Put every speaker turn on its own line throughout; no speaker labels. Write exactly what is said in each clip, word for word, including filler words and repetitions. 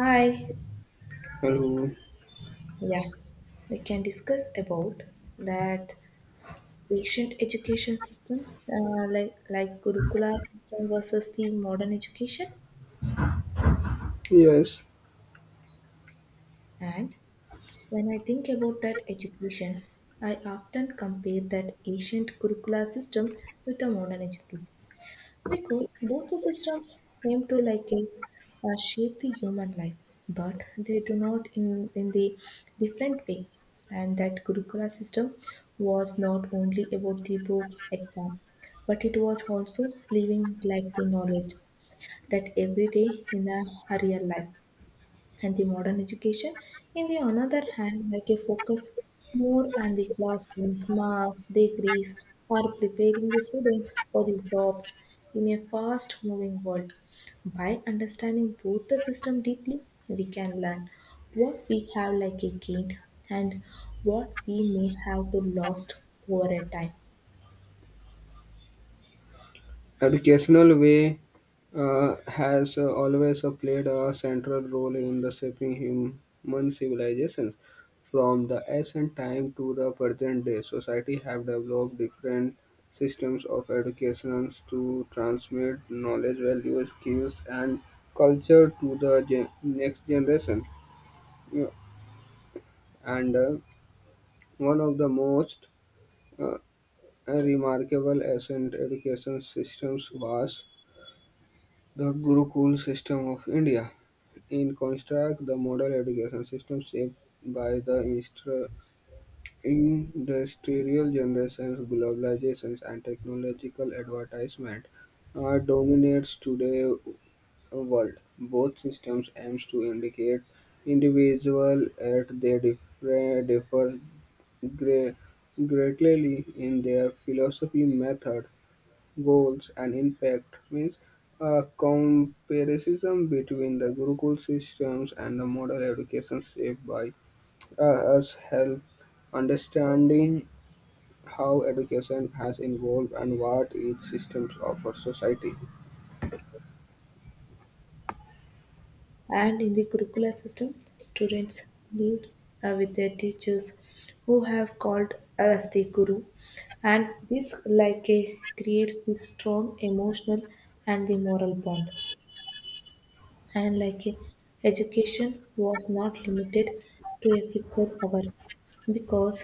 Hi.
Hello.
Yeah, we can discuss about that ancient education system, uh, like like Gurukula system versus the modern education.
Yes,
And when I think about that education, I often compare that ancient Gurukula system with the modern education, because both the systems aim to like uh, uh, shape the human life, but they do not in, in the different way. And that gurukula system was not only about the books exam, but it was also living like the knowledge that every day in a real life. And the modern education, in the another hand, make a focus more on the classrooms, marks, degrees, or preparing the students for the jobs in a fast moving world. By understanding both the system deeply, we can learn what we have like a gained, and what we may have to lost over a time.
educational way uh, has uh, always uh, played a central role in the shaping human civilizations. From the ancient time to the present day, society have developed different systems of education to transmit knowledge, values, skills, and culture to the gen- next generation. Yeah. And uh, One of the most uh, remarkable ancient education systems was the Gurukul system of India. In contrast, the modern education system shaped by the instru- industrial generations, globalizations, and technological advertisement, uh, dominates today's world. Both systems aims to indicate individual at their differ, differ gre- greatly in their philosophy method goals and impact means a comparison between the Gurukul systems and the modern education shaped by uh, us help understanding how education has evolved and what each system offers society.
And in the curricular system, students lead uh, with their teachers who have called as the guru. And this like a creates the strong emotional and the moral bond. And like a, education was not limited to a fixed hours, because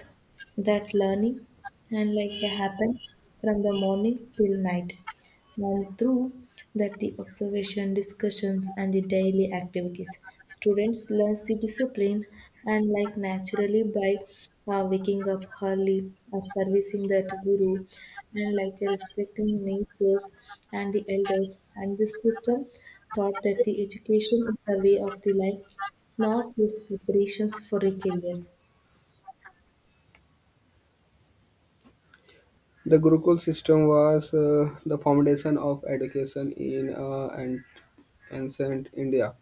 that learning and like a happens from the morning till night, and through that, the observation, discussions, and the daily activities, students learn the discipline and, like, naturally by uh, waking up early, or servicing that guru, and like uh, respecting natures and the elders. And this system thought that the education is the way of the life, not just preparations for a career.
The Gurukul system was uh, the foundation of education in uh, an- ancient India,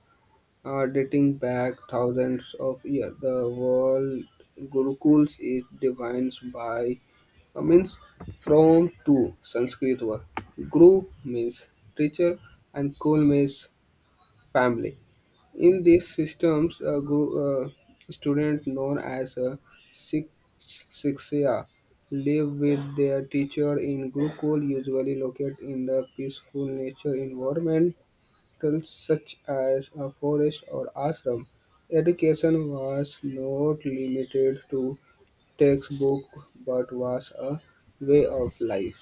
uh, dating back thousands of years. The world Gurukuls is defined by Uh, means from to Sanskrit word. Guru means teacher and kul means family. In these systems, a guru, uh, student known as a shik- shiksya live with their teacher in Gurukul, usually located in the peaceful nature environment such as a forest or ashram. Education was not limited to textbook but was a way of life.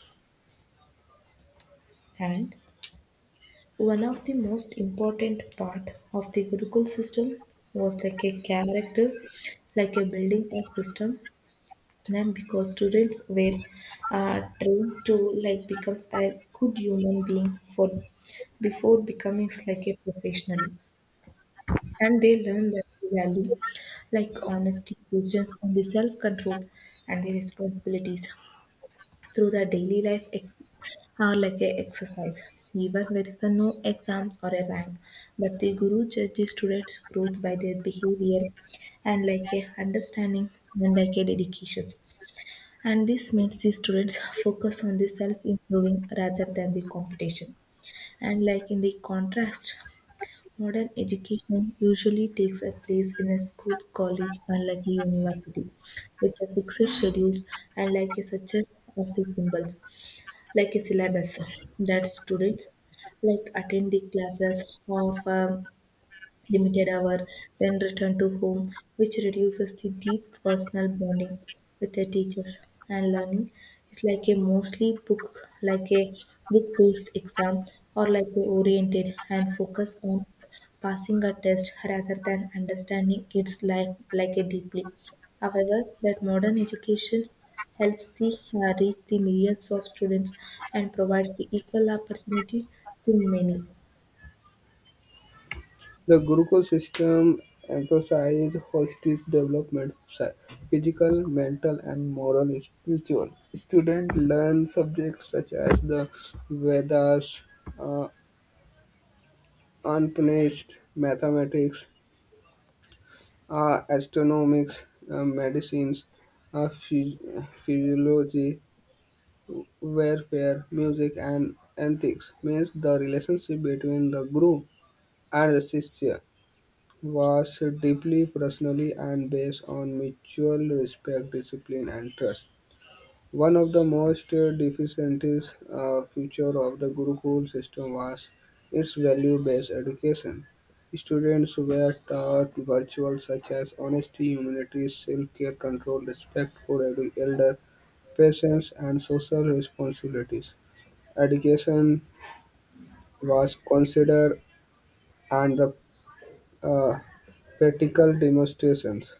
And One of the most important part of the Gurukul system was like a character, like a building a system. Then because students were uh, trained to like becomes a good human being for before becoming like a professionally, and they learn that the value like honesty, patience, and the self control and the responsibilities through the daily life ex- are like a exercise, even when there is a no exams or a rank, but the guru judges students growth by their behavior and like a understanding and like a dedications. And this makes the students focus on the self improving rather than the competition. And like, in the contrast, modern education usually takes a place in a school college and like a university with a fixed schedules, and like a such a of the symbols like a syllabus, that students like attend the classes of um, limited hour, then return to home, which reduces the deep personal bonding with their teachers. And learning is like a mostly book, like a book-based exam, or like a oriented and focus on passing a test rather than understanding its life like a deeply. However, that modern education helps the uh, reach the millions of students and provides the equal opportunity to many.
The Gurukul system emphasized holistic development, psy- physical, mental, and moral and spiritual. Students learn subjects such as the Vedas, uh, unpunished mathematics, uh, astronomics, uh, medicines, uh, phys- physiology, warfare, music, and ethics means the relationship between the guru and the Shishya was deeply personal,ly and based on mutual respect, discipline, and trust. One of the most uh, deficient uh, feature of the Gurukul system was its value-based education. Students were taught virtues such as honesty, humility, self-care, control, respect for elder, elder, patience, and social responsibilities. Education was considered and the uh, practical demonstrations.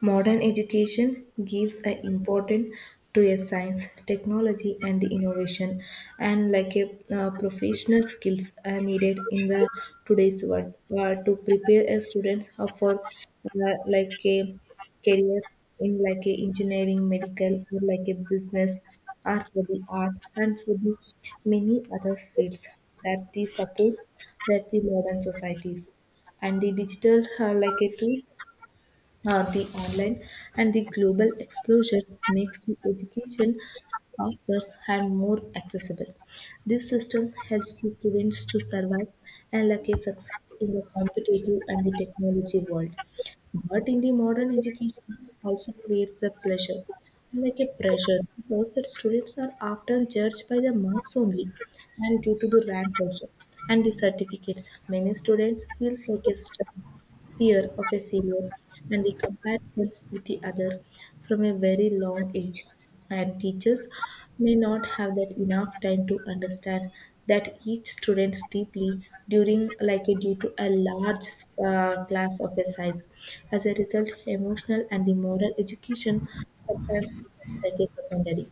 Modern education gives an importance to a science, technology, and the innovation, and like a uh, professional skills are needed in the today's world uh, to prepare a student uh, for uh, like a careers in like a engineering, medical, or like a business, or for the art, and for the many other fields that the support that the modern societies. And the digital uh, like a tool uh, the online and the global exposure makes the education faster and more accessible. This system helps the students to survive and like succeed in the competitive and the technology world. But in the modern education also creates a pleasure like a pressure, because the students are often judged by the marks only, and due to the rank also and the certificates. Many students feel like a stress, fear of a failure, and the comparison with the other from a very long age. And teachers may not have that enough time to understand that each student deeply during like a, due to a large uh, class of a size. As a result, emotional and the moral education sometimes becomes like a secondary.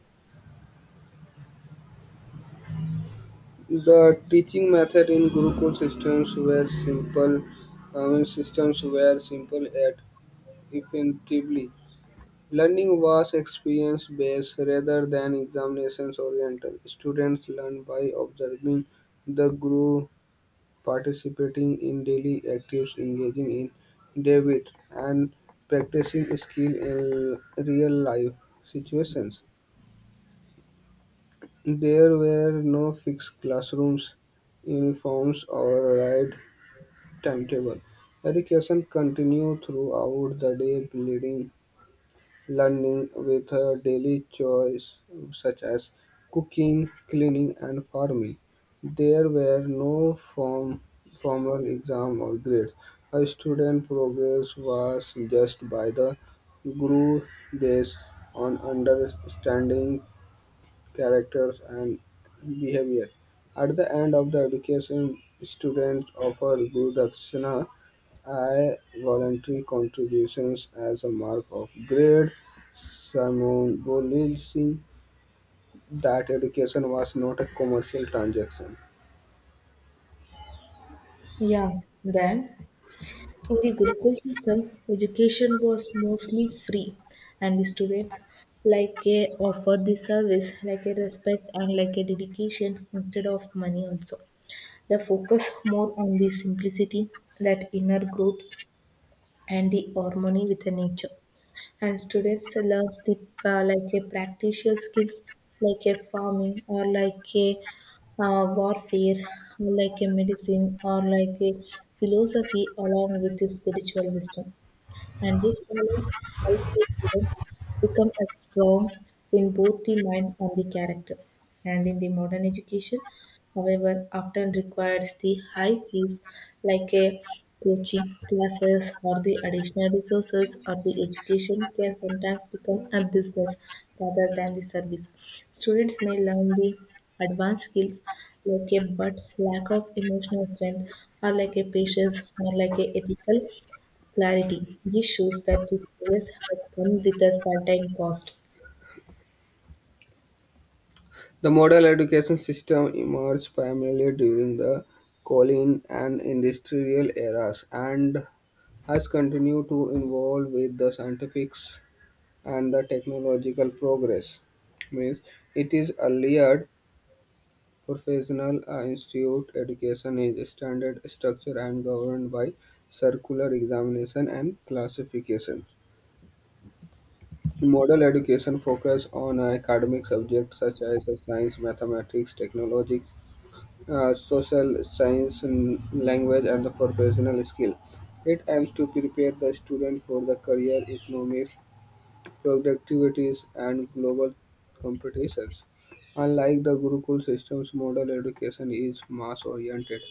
The teaching method in Gurukul systems were simple, I mean, systems were simple yet effectively. Learning was experience based rather than examinations oriented. Students learn by observing the guru, participating in daily activities, engaging in debate, and practicing skill in real life situations. There were no fixed classrooms, uniforms, or right timetable. Education continued throughout the day, blending learning with uh, daily chores such as cooking, cleaning, and farming. There were no form, formal exam or grades. A student progress was judged by the guru based on understanding characters and behavior. At the end of the education, students offer Guru Dakshina I voluntary contributions as a mark of grade, symbolism that education was not a commercial transaction.
Yeah, then. In the Gurukul system, education was mostly free, and the students like a offered the service like a respect and like a dedication instead of money also. The focus more on the simplicity, that inner growth, and the harmony with the nature, and students learns the uh, like a practical skills like a farming or like a uh, warfare or like a medicine or like a philosophy along with the spiritual wisdom. And this balance helps the students become as strong in both the mind and the character. And in the modern education, however, often requires the high fees like a coaching classes or the additional resources, or the education can sometimes become a business rather than the service. Students may learn the advanced skills like a, but lack of emotional strength or like a patience or like a ethical clarity. This shows that the progress has come with a certain cost.
The modern education system emerged primarily during the colonial and industrial eras and has continued to evolve with the scientifics and the technological progress means it is earlier professional uh, institute education is a standard structure and governed by circular examination and classifications. Model education focuses on academic subjects such as science, mathematics, technology, uh, social science, and language, and the professional skill. It aims to prepare the student for the career, economic, productivities, and global competitions. Unlike the Gurukul systems, model education is mass oriented,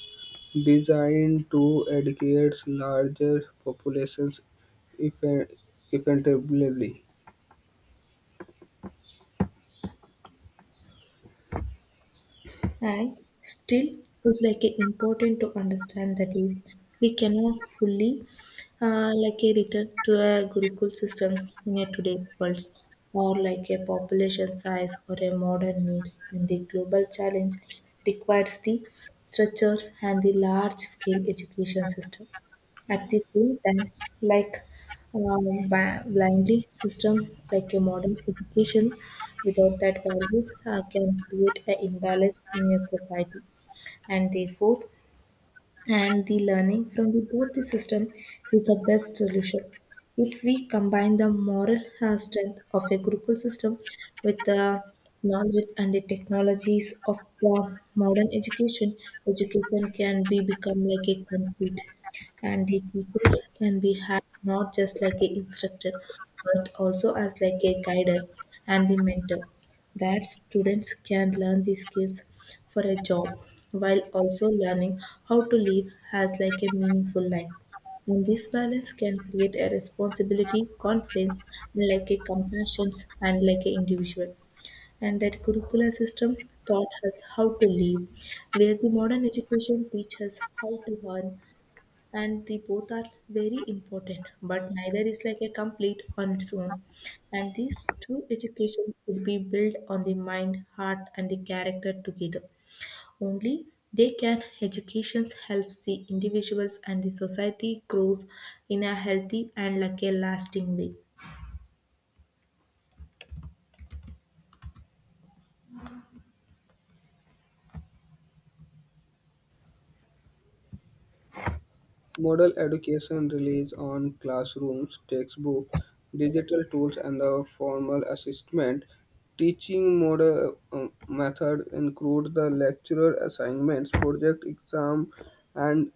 designed to educate larger populations effectively.
And still, it's like a important to understand that is we cannot fully uh, like a return to a Gurukul system in a today's world, or like a population size or a modern needs, and the global challenge requires the structures and the large scale education system at the same time, like uh, bi- blindly system like a modern education. Without that, values uh, can create an imbalance in a society, and therefore, and the learning from the, both the system is the best solution. If we combine the moral uh, strength of a Gurukul system with the knowledge and the technologies of the modern education, education can be become like a complete, and the teachers can be had not just like a instructor, but also as like a guider and the mentor, that students can learn these skills for a job while also learning how to live as like a meaningful life. And this balance can create a responsibility confidence and like a compassion and like a individual. And that curricular system taught us how to live, where the modern education teaches us how to earn. And the both are very important, but neither is like a complete on its own. And this true education should be built on the mind heart and the character together. Only they can educations helps the individuals and the society grows in a healthy and like a lasting way.
Model education relies on classrooms, textbooks, digital tools, and the formal assessment. Teaching model uh, method include the lecturer assignments, project exam, and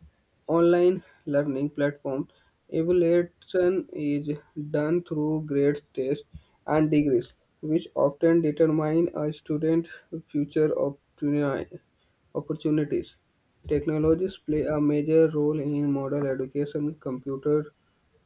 online learning platform. Evaluation is done through grades, tests, and degrees, which often determine a student's future opportuni- opportunities. Technologies play a major role in modern education. Computer,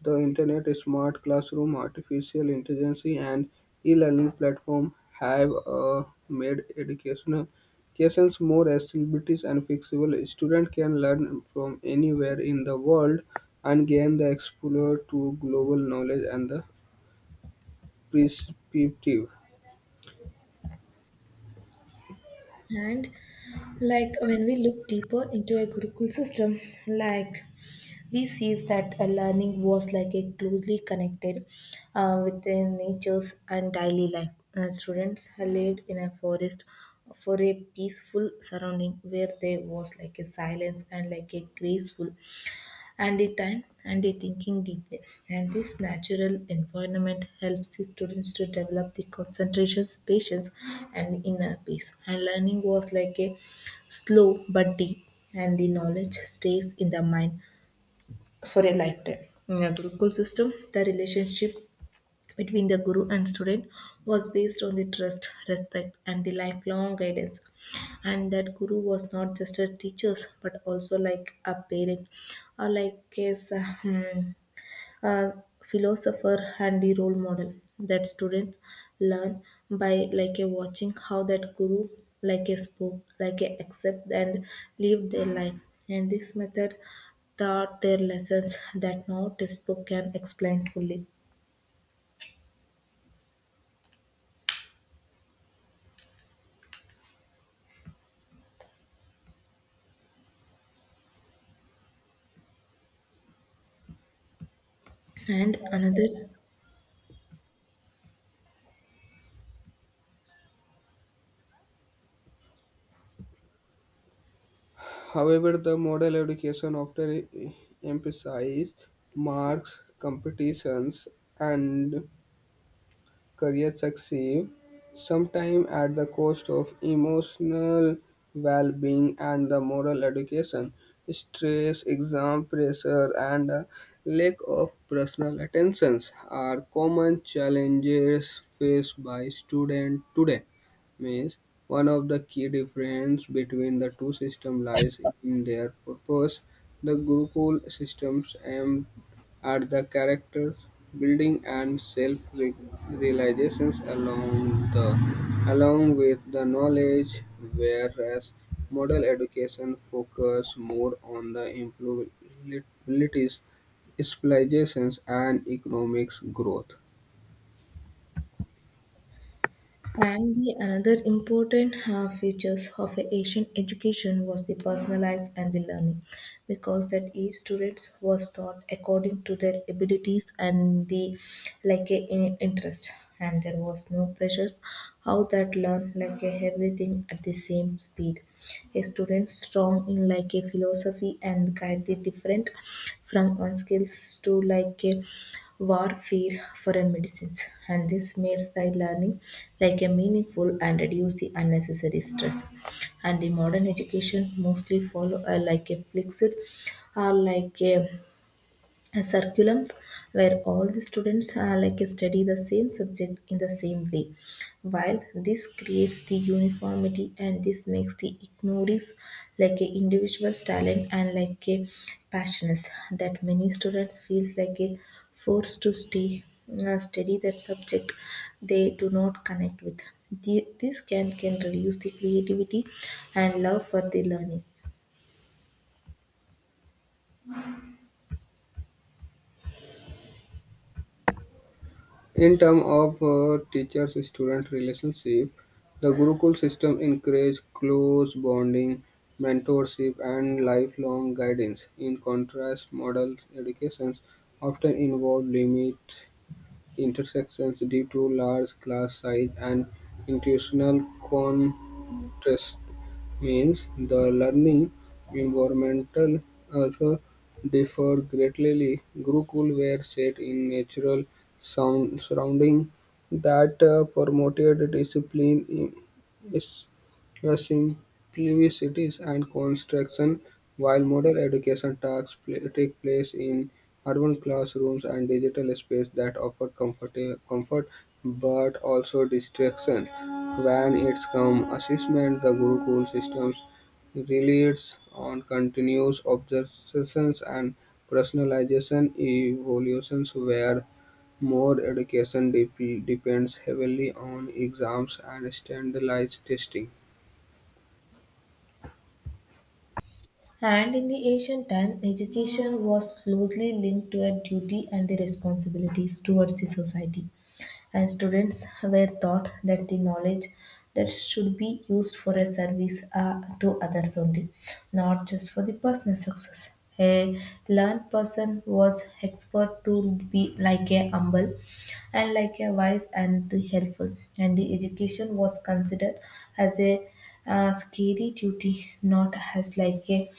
the internet, smart classroom, artificial intelligence, and e-learning platform have uh, made educational educations more accessible and flexible. Students can learn from anywhere in the world and gain the exposure to global knowledge and the perspective.
And like, when we look deeper into a Gurukul system, like, we sees that a learning was like a closely connected uh, with their natures and daily life. Uh, students had lived in a forest for a peaceful surrounding where there was like a silence and like a graceful, and the time and the thinking deeply. And this natural environment helps the students to develop the concentrations patience and inner peace. And learning was like a slow but deep, and the knowledge stays in the mind for a lifetime. In a Gurukul system, the relationship between the guru and student was based on the trust, respect, and the lifelong guidance. And that guru was not just a teacher, but also like a parent or like his uh, hmm, uh, philosopher and the role model, that students learn by like a watching how that guru like a spoke like a accept and live their life, and this method taught their lessons that no textbook can explain fully. And another.
However, the model education often emphasizes marks, competitions, and career success, sometimes at the cost of emotional well being and the moral education, stress, exam pressure, and a lack of personal attentions are common challenges faced by students today means one of the key difference between the two systems lies in their purpose. The Gurukul systems aim at the character's building and self realizations along the along with the knowledge, whereas model education focuses more on the employability, specializations, and economics growth.
And the another important uh, features of a Asian education was the personalized and the learning, because that each students was taught according to their abilities and the like a in- interest, and there was no pressure how that learn like a everything at the same speed. A student strong in like a philosophy and guide the different from one skills to like a warfare foreign medicines, and this makes the learning like a meaningful and reduce the unnecessary stress. And the modern education mostly follow uh, like a fixed or like a uh, curriculums where all the students uh, like study the same subject in the same way, while this creates the uniformity and this makes the ignores like a individual's talent and like a passions, that many students feel like a forced to stay uh, study that subject they do not connect with. The- this can can reduce the creativity and love for the learning.
In terms of uh, teacher-student relationship, the Gurukul system encourages close bonding, mentorship, and lifelong guidance. In contrast, model educations often involve limit intersections due to large class size and institutional constraints interest means the learning environment also differed greatly. Gurukul were set in natural sound surrounding that uh, promoted discipline, i- is- uh, simplicities, and construction, while modern education tasks pla- take place in urban classrooms and digital space that offer comfort, comfort but also distraction. When its comes assessment, the Gurukul systems relies on continuous observations and personalization evaluations where more education dep- depends heavily on exams and standardized testing.
And in the ancient time, education was closely linked to a duty and the responsibilities towards the society. And students were taught that the knowledge that should be used for a service uh, to others only, not just for the personal success. A learned person was expert to be like a humble and like a wise and the helpful. And the education was considered as a uh, scary duty, not as like a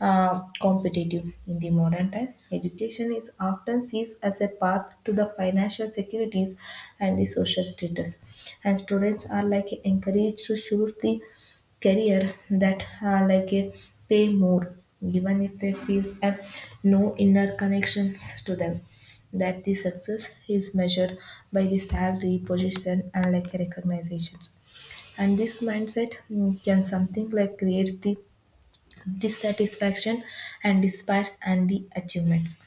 uh, competitive. In the modern time, education is often sees as a path to the financial securities and the social status, and students are like encouraged to choose the career that uh, like uh, pay more even if their feels have no inner connections to them that the success is measured by the salary position and like recognitions. And this mindset mm, can something like creates the dissatisfaction and despairs and the achievements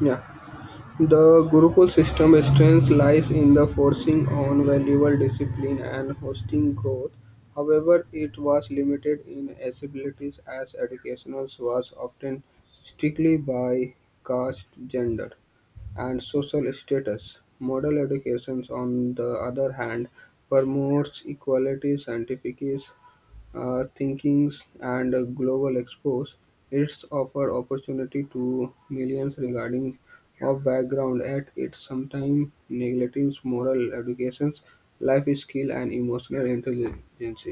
Yeah. The Gurukul system's strength lies in the forcing on valuable discipline and hosting growth; however, it was limited in accessibility as education was often strictly by caste, gender, and social status. Model education, on the other hand, promotes equality, scientific uh, thinkings and a global expose, it's offered opportunity to millions regarding of background at its sometimes neglecting moral educations, life skill and emotional intelligence.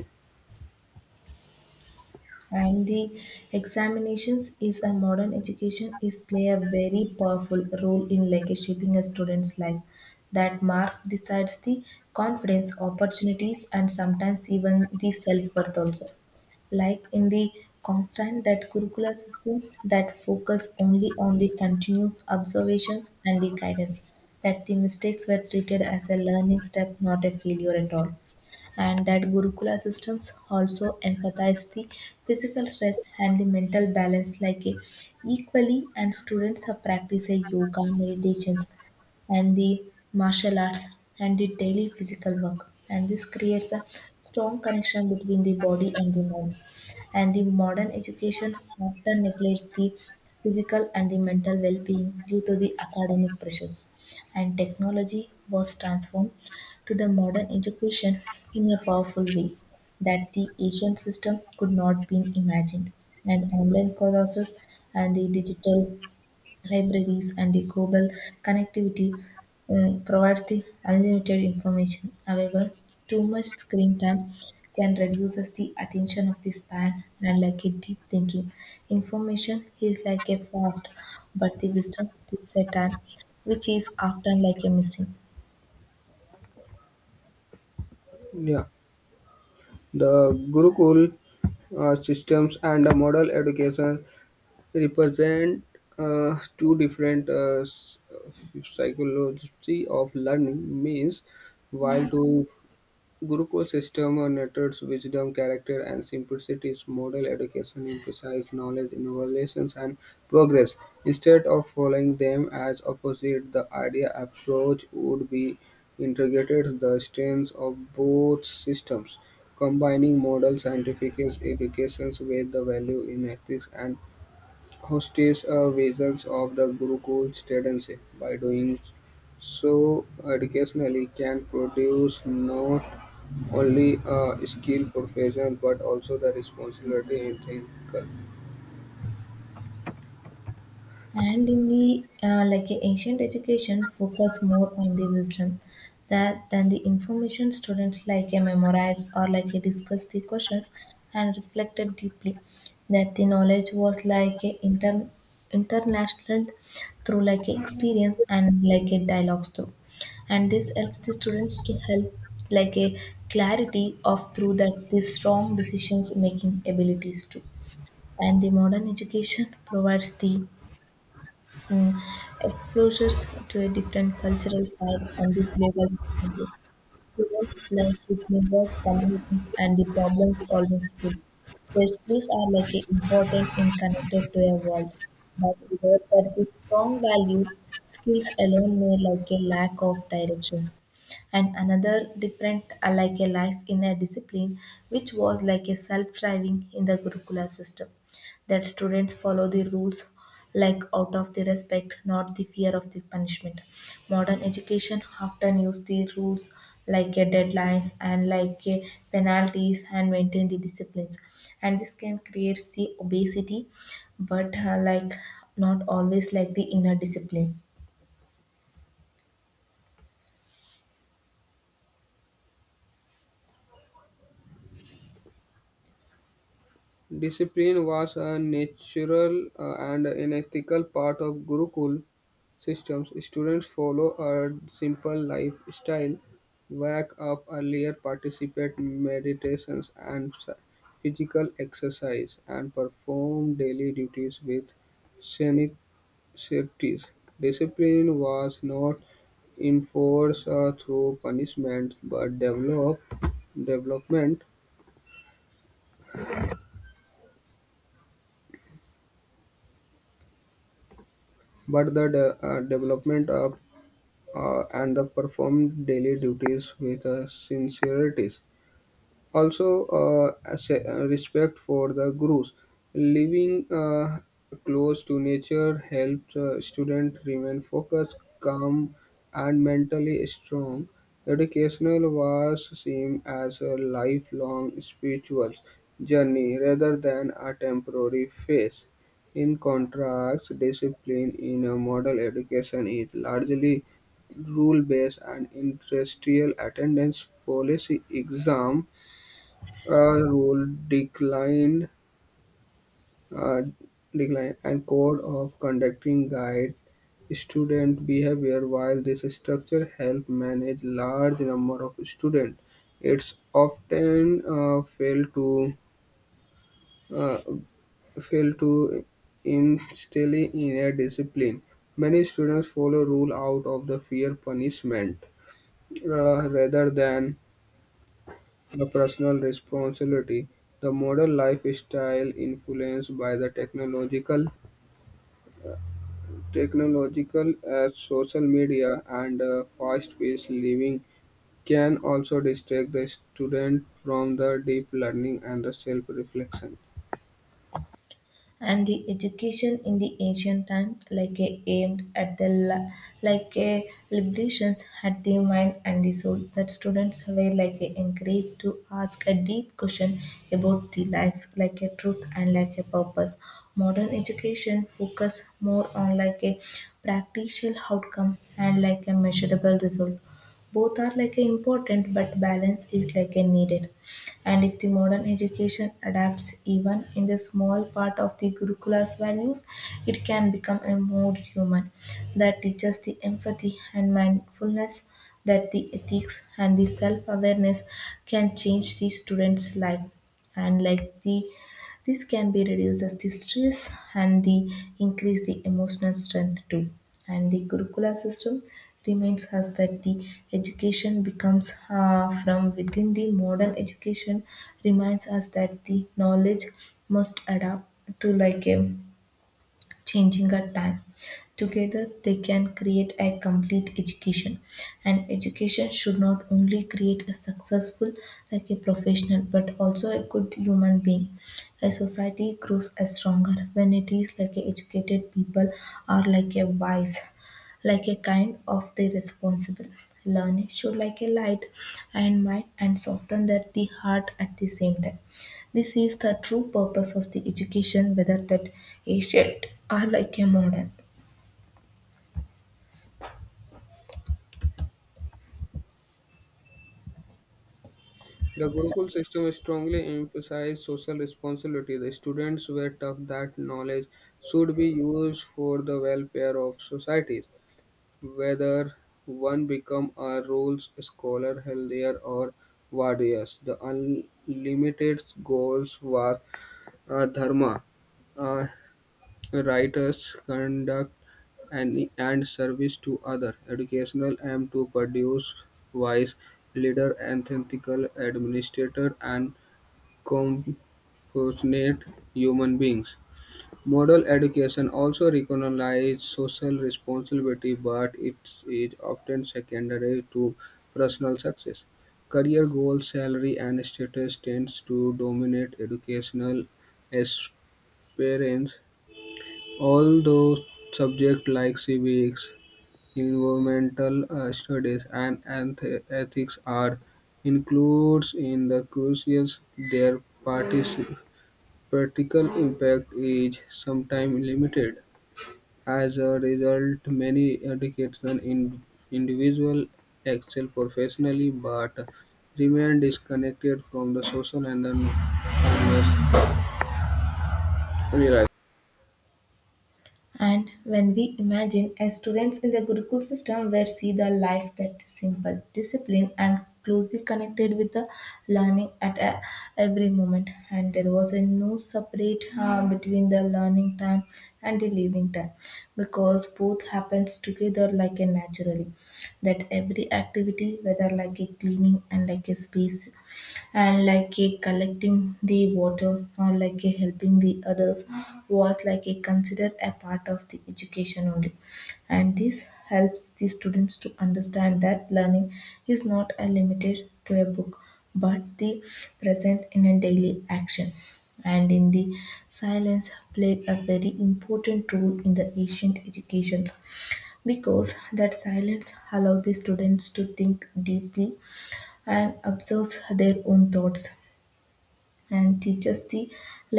and the examinations is a modern education is play a very powerful role in like a shaping a student's life that marks decides the confidence opportunities and sometimes even the self-worth also, like in the constant that curricular system that focus only on the continuous observations and the guidance that the mistakes were treated as a learning step, not a failure at all. And that Gurukula systems also emphasize the physical strength and the mental balance like a, equally, and students have practice a yoga meditations and the martial arts and the daily physical work, and this creates a strong connection between the body and the mind. And the modern education often neglects the physical and the mental well-being due to the academic pressures. And technology was transformed to the modern education in a powerful way that the ancient system could not be imagined. And online courses and the digital libraries and the global connectivity um, provide the unlimited information. However, too much screen time can reduces the attention of the span and like a deep thinking. Information is like a fast, but the wisdom takes a time, which is often like a missing.
Yeah. The Gurukul uh, systems and the model education represent uh, two different uh, s- uh, psychology of learning means while to Gurukul system nurtures wisdom, character and simplicity; model education emphasizes knowledge, innovations, and progress. Instead of following them as opposite, the idea approach would be integrated the strengths of both systems, combining modern scientific educations with the value in ethics and hostes a visions of the Gurukul tendency. By doing so, educationally can produce not only a skilled profession but also the responsibility in ethical.
And in the uh, like a ancient education, focus more on the wisdom that than the information students like a memorize or like a discuss the questions and reflected deeply. That the knowledge was like a inter international through like a experience and like a dialogue through. And this helps the students to help like a clarity of through that the strong decisions making abilities too. And the modern education provides the mm, exposures to a different cultural side and the global challenges. Students learn to teamwork, communities, and the problem-solving skills. Their skills are like a important and connected to a world, but without that the strong value, skills alone may like a lack of directions. And another different uh, like a lacks in a discipline, which was like a self-driving in the curricular system that students follow the rules like out of the respect, not the fear of the punishment. Modern education often use the rules like a deadlines and like a penalties and maintain the disciplines, and this can creates the obesity, but uh, like not always like the inner discipline.
Discipline was a natural uh, and an ethical part of Gurukul systems. Students follow a simple lifestyle, wake up earlier, participate meditations and s- physical exercise, and perform daily duties with Sceptics: discipline was not enforced uh, through punishment, but develop development but the de- uh, development of uh, and the performed daily duties with uh, sincerity. Also uh, as a- uh, respect for the gurus living uh, close to nature helps uh, students remain focused calm and mentally strong educational was seen as a lifelong spiritual journey rather than a temporary phase in contrast discipline in a model education is largely rule based and industrial attendance policy exam uh, rule declined uh, decline and code of conducting guide student behavior while this structure help manage large number of students it's often uh, fail to uh, fail to instill in a discipline many students follow rule out of the fear punishment uh, rather than the personal responsibility: the modern lifestyle influenced by the technological, technological as social media and uh, fast-paced living can also distract the student from the deep learning and the self-reflection.
And the education in the ancient times like a aimed at the la- like a liberations at the mind and the soul that students were like a encouraged to ask a deep question about the life, like a truth and like a purpose. Modern education focus more on like a practical outcome and like a measurable result. Both are like a important, but balance is like a needed. And if the modern education adapts even in the small part of the Gurukula's values, it can become a more human that teaches the empathy and mindfulness, that the ethics and the self-awareness can change the student's life. And like the this can be reduces the stress and the increase the emotional strength too. And the curricula system reminds us that the education becomes uh, from within the modern education reminds us that the knowledge must adapt to like a changing a time. Together, they can create a complete education. And education should not only create a successful, like a professional, but also a good human being. A society grows as stronger when it is like a educated people are like a wise, like a kind of the responsible. Learning should like a light and mind and soften that the heart at the same time. This is the true purpose of the education, whether that ancient or like a modern.
The Gurukul system strongly emphasized social responsibility. The students were taught that knowledge should be used for the welfare of society. Whether one become a rules scholar, healthier, or warrior, the ultimate goal was uh, dharma: Uh, writers conduct and and service to other. Educational aim to produce wise leader, ethical administrator, and compassionate human beings. Model education also recognizes social responsibility, but it is often secondary to personal success. Career goals, salary, and status tends to dominate educational aspirants, although subjects like civics, environmental uh, studies, and anth- ethics are includes in the crucials, their partic- practical impact is sometimes limited. As a result, many educational in- individuals excel professionally but remain disconnected from the social and the numerous realities.
And when we imagine as students in the Gurukul system, where see the life that is simple, disciplined, and closely connected with the learning at a- every moment. And there was a no separate uh, between the learning time and the living time, because both happens together like a naturally, that every activity, whether like a cleaning and like a space and like a collecting the water or like a helping the others, was like a considered a part of the education only. And this helps the students to understand that learning is not a limited to a book, but the present in a daily action. And in the silence played a very important role in the ancient educations, because that silence allowed the students to think deeply and observe their own thoughts and teaches the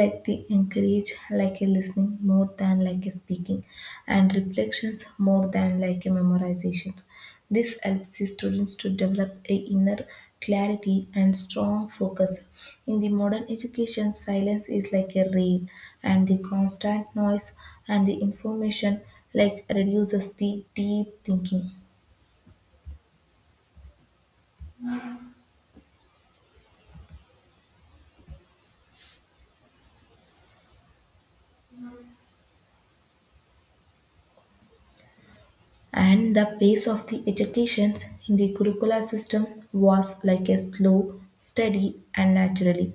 like the encourage like a listening more than like a speaking and reflections more than like a memorizations. This helps the students to develop a inner clarity and strong focus. In the modern education silence is like a rare and the constant noise and the information like reduces the deep thinking. And the pace of the educations in the Gurukula system was like a slow, steady, and naturally,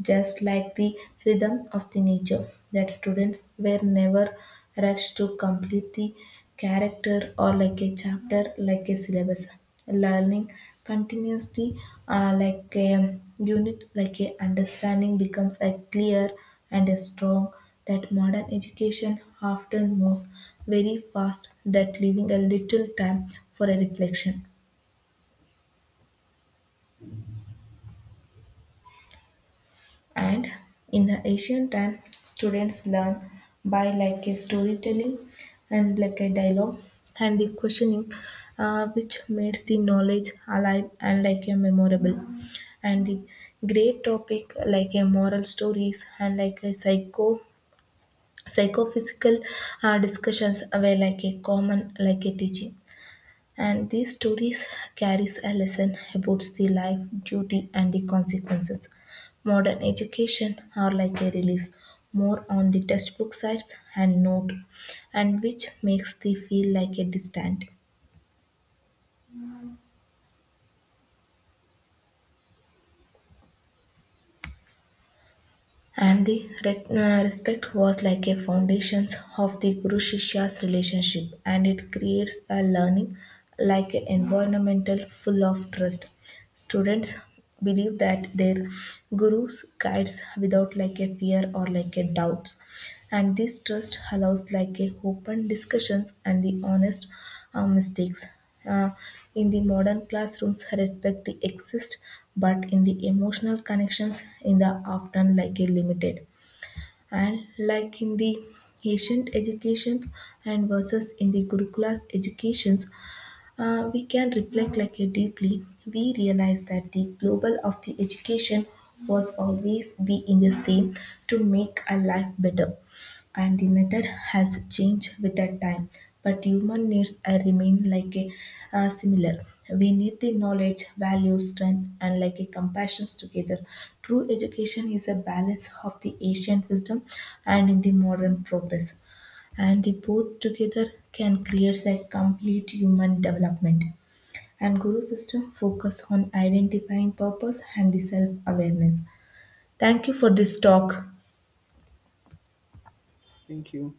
just like the rhythm of the nature, that students were never rushed to complete the character or like a chapter, like a syllabus. Learning continuously, uh, like a unit, like a understanding becomes a clear and a strong, that modern education often moves very fast that leaving a little time for a reflection. And in the ancient time students learn by like a storytelling and like a dialogue and the questioning, uh, which makes the knowledge alive and like a memorable. And the great topic like a moral stories and like a psycho psychophysical uh, discussions were like a common like a teaching, and these stories carries a lesson about the life, duty and the consequences. Modern education are like a release more on the textbook sides and note, and which makes they feel like a distant. And the re- uh, respect was like a foundation of the Guru Shishya's relationship, and it creates a learning like an environmental full of trust. Students believe that their gurus guides without like a fear or like a doubts. And this trust allows like a open discussions and the honest uh, mistakes. Uh, in the modern classrooms, respect the exist, but in the emotional connections, in the often like a limited. And like in the ancient educations and versus in the Gurukulas educations, uh, we can reflect like a deeply, we realize that the global of the education was always be in the same to make a life better, and the method has changed with that time, but human needs are remain like a uh, similar. We need the knowledge value strength and like a compassions together. True education is a balance of the ancient wisdom and in the modern progress, and they both together can create a complete human development. And guru system focus on identifying purpose and the self awareness. Thank you for this talk.
Thank you.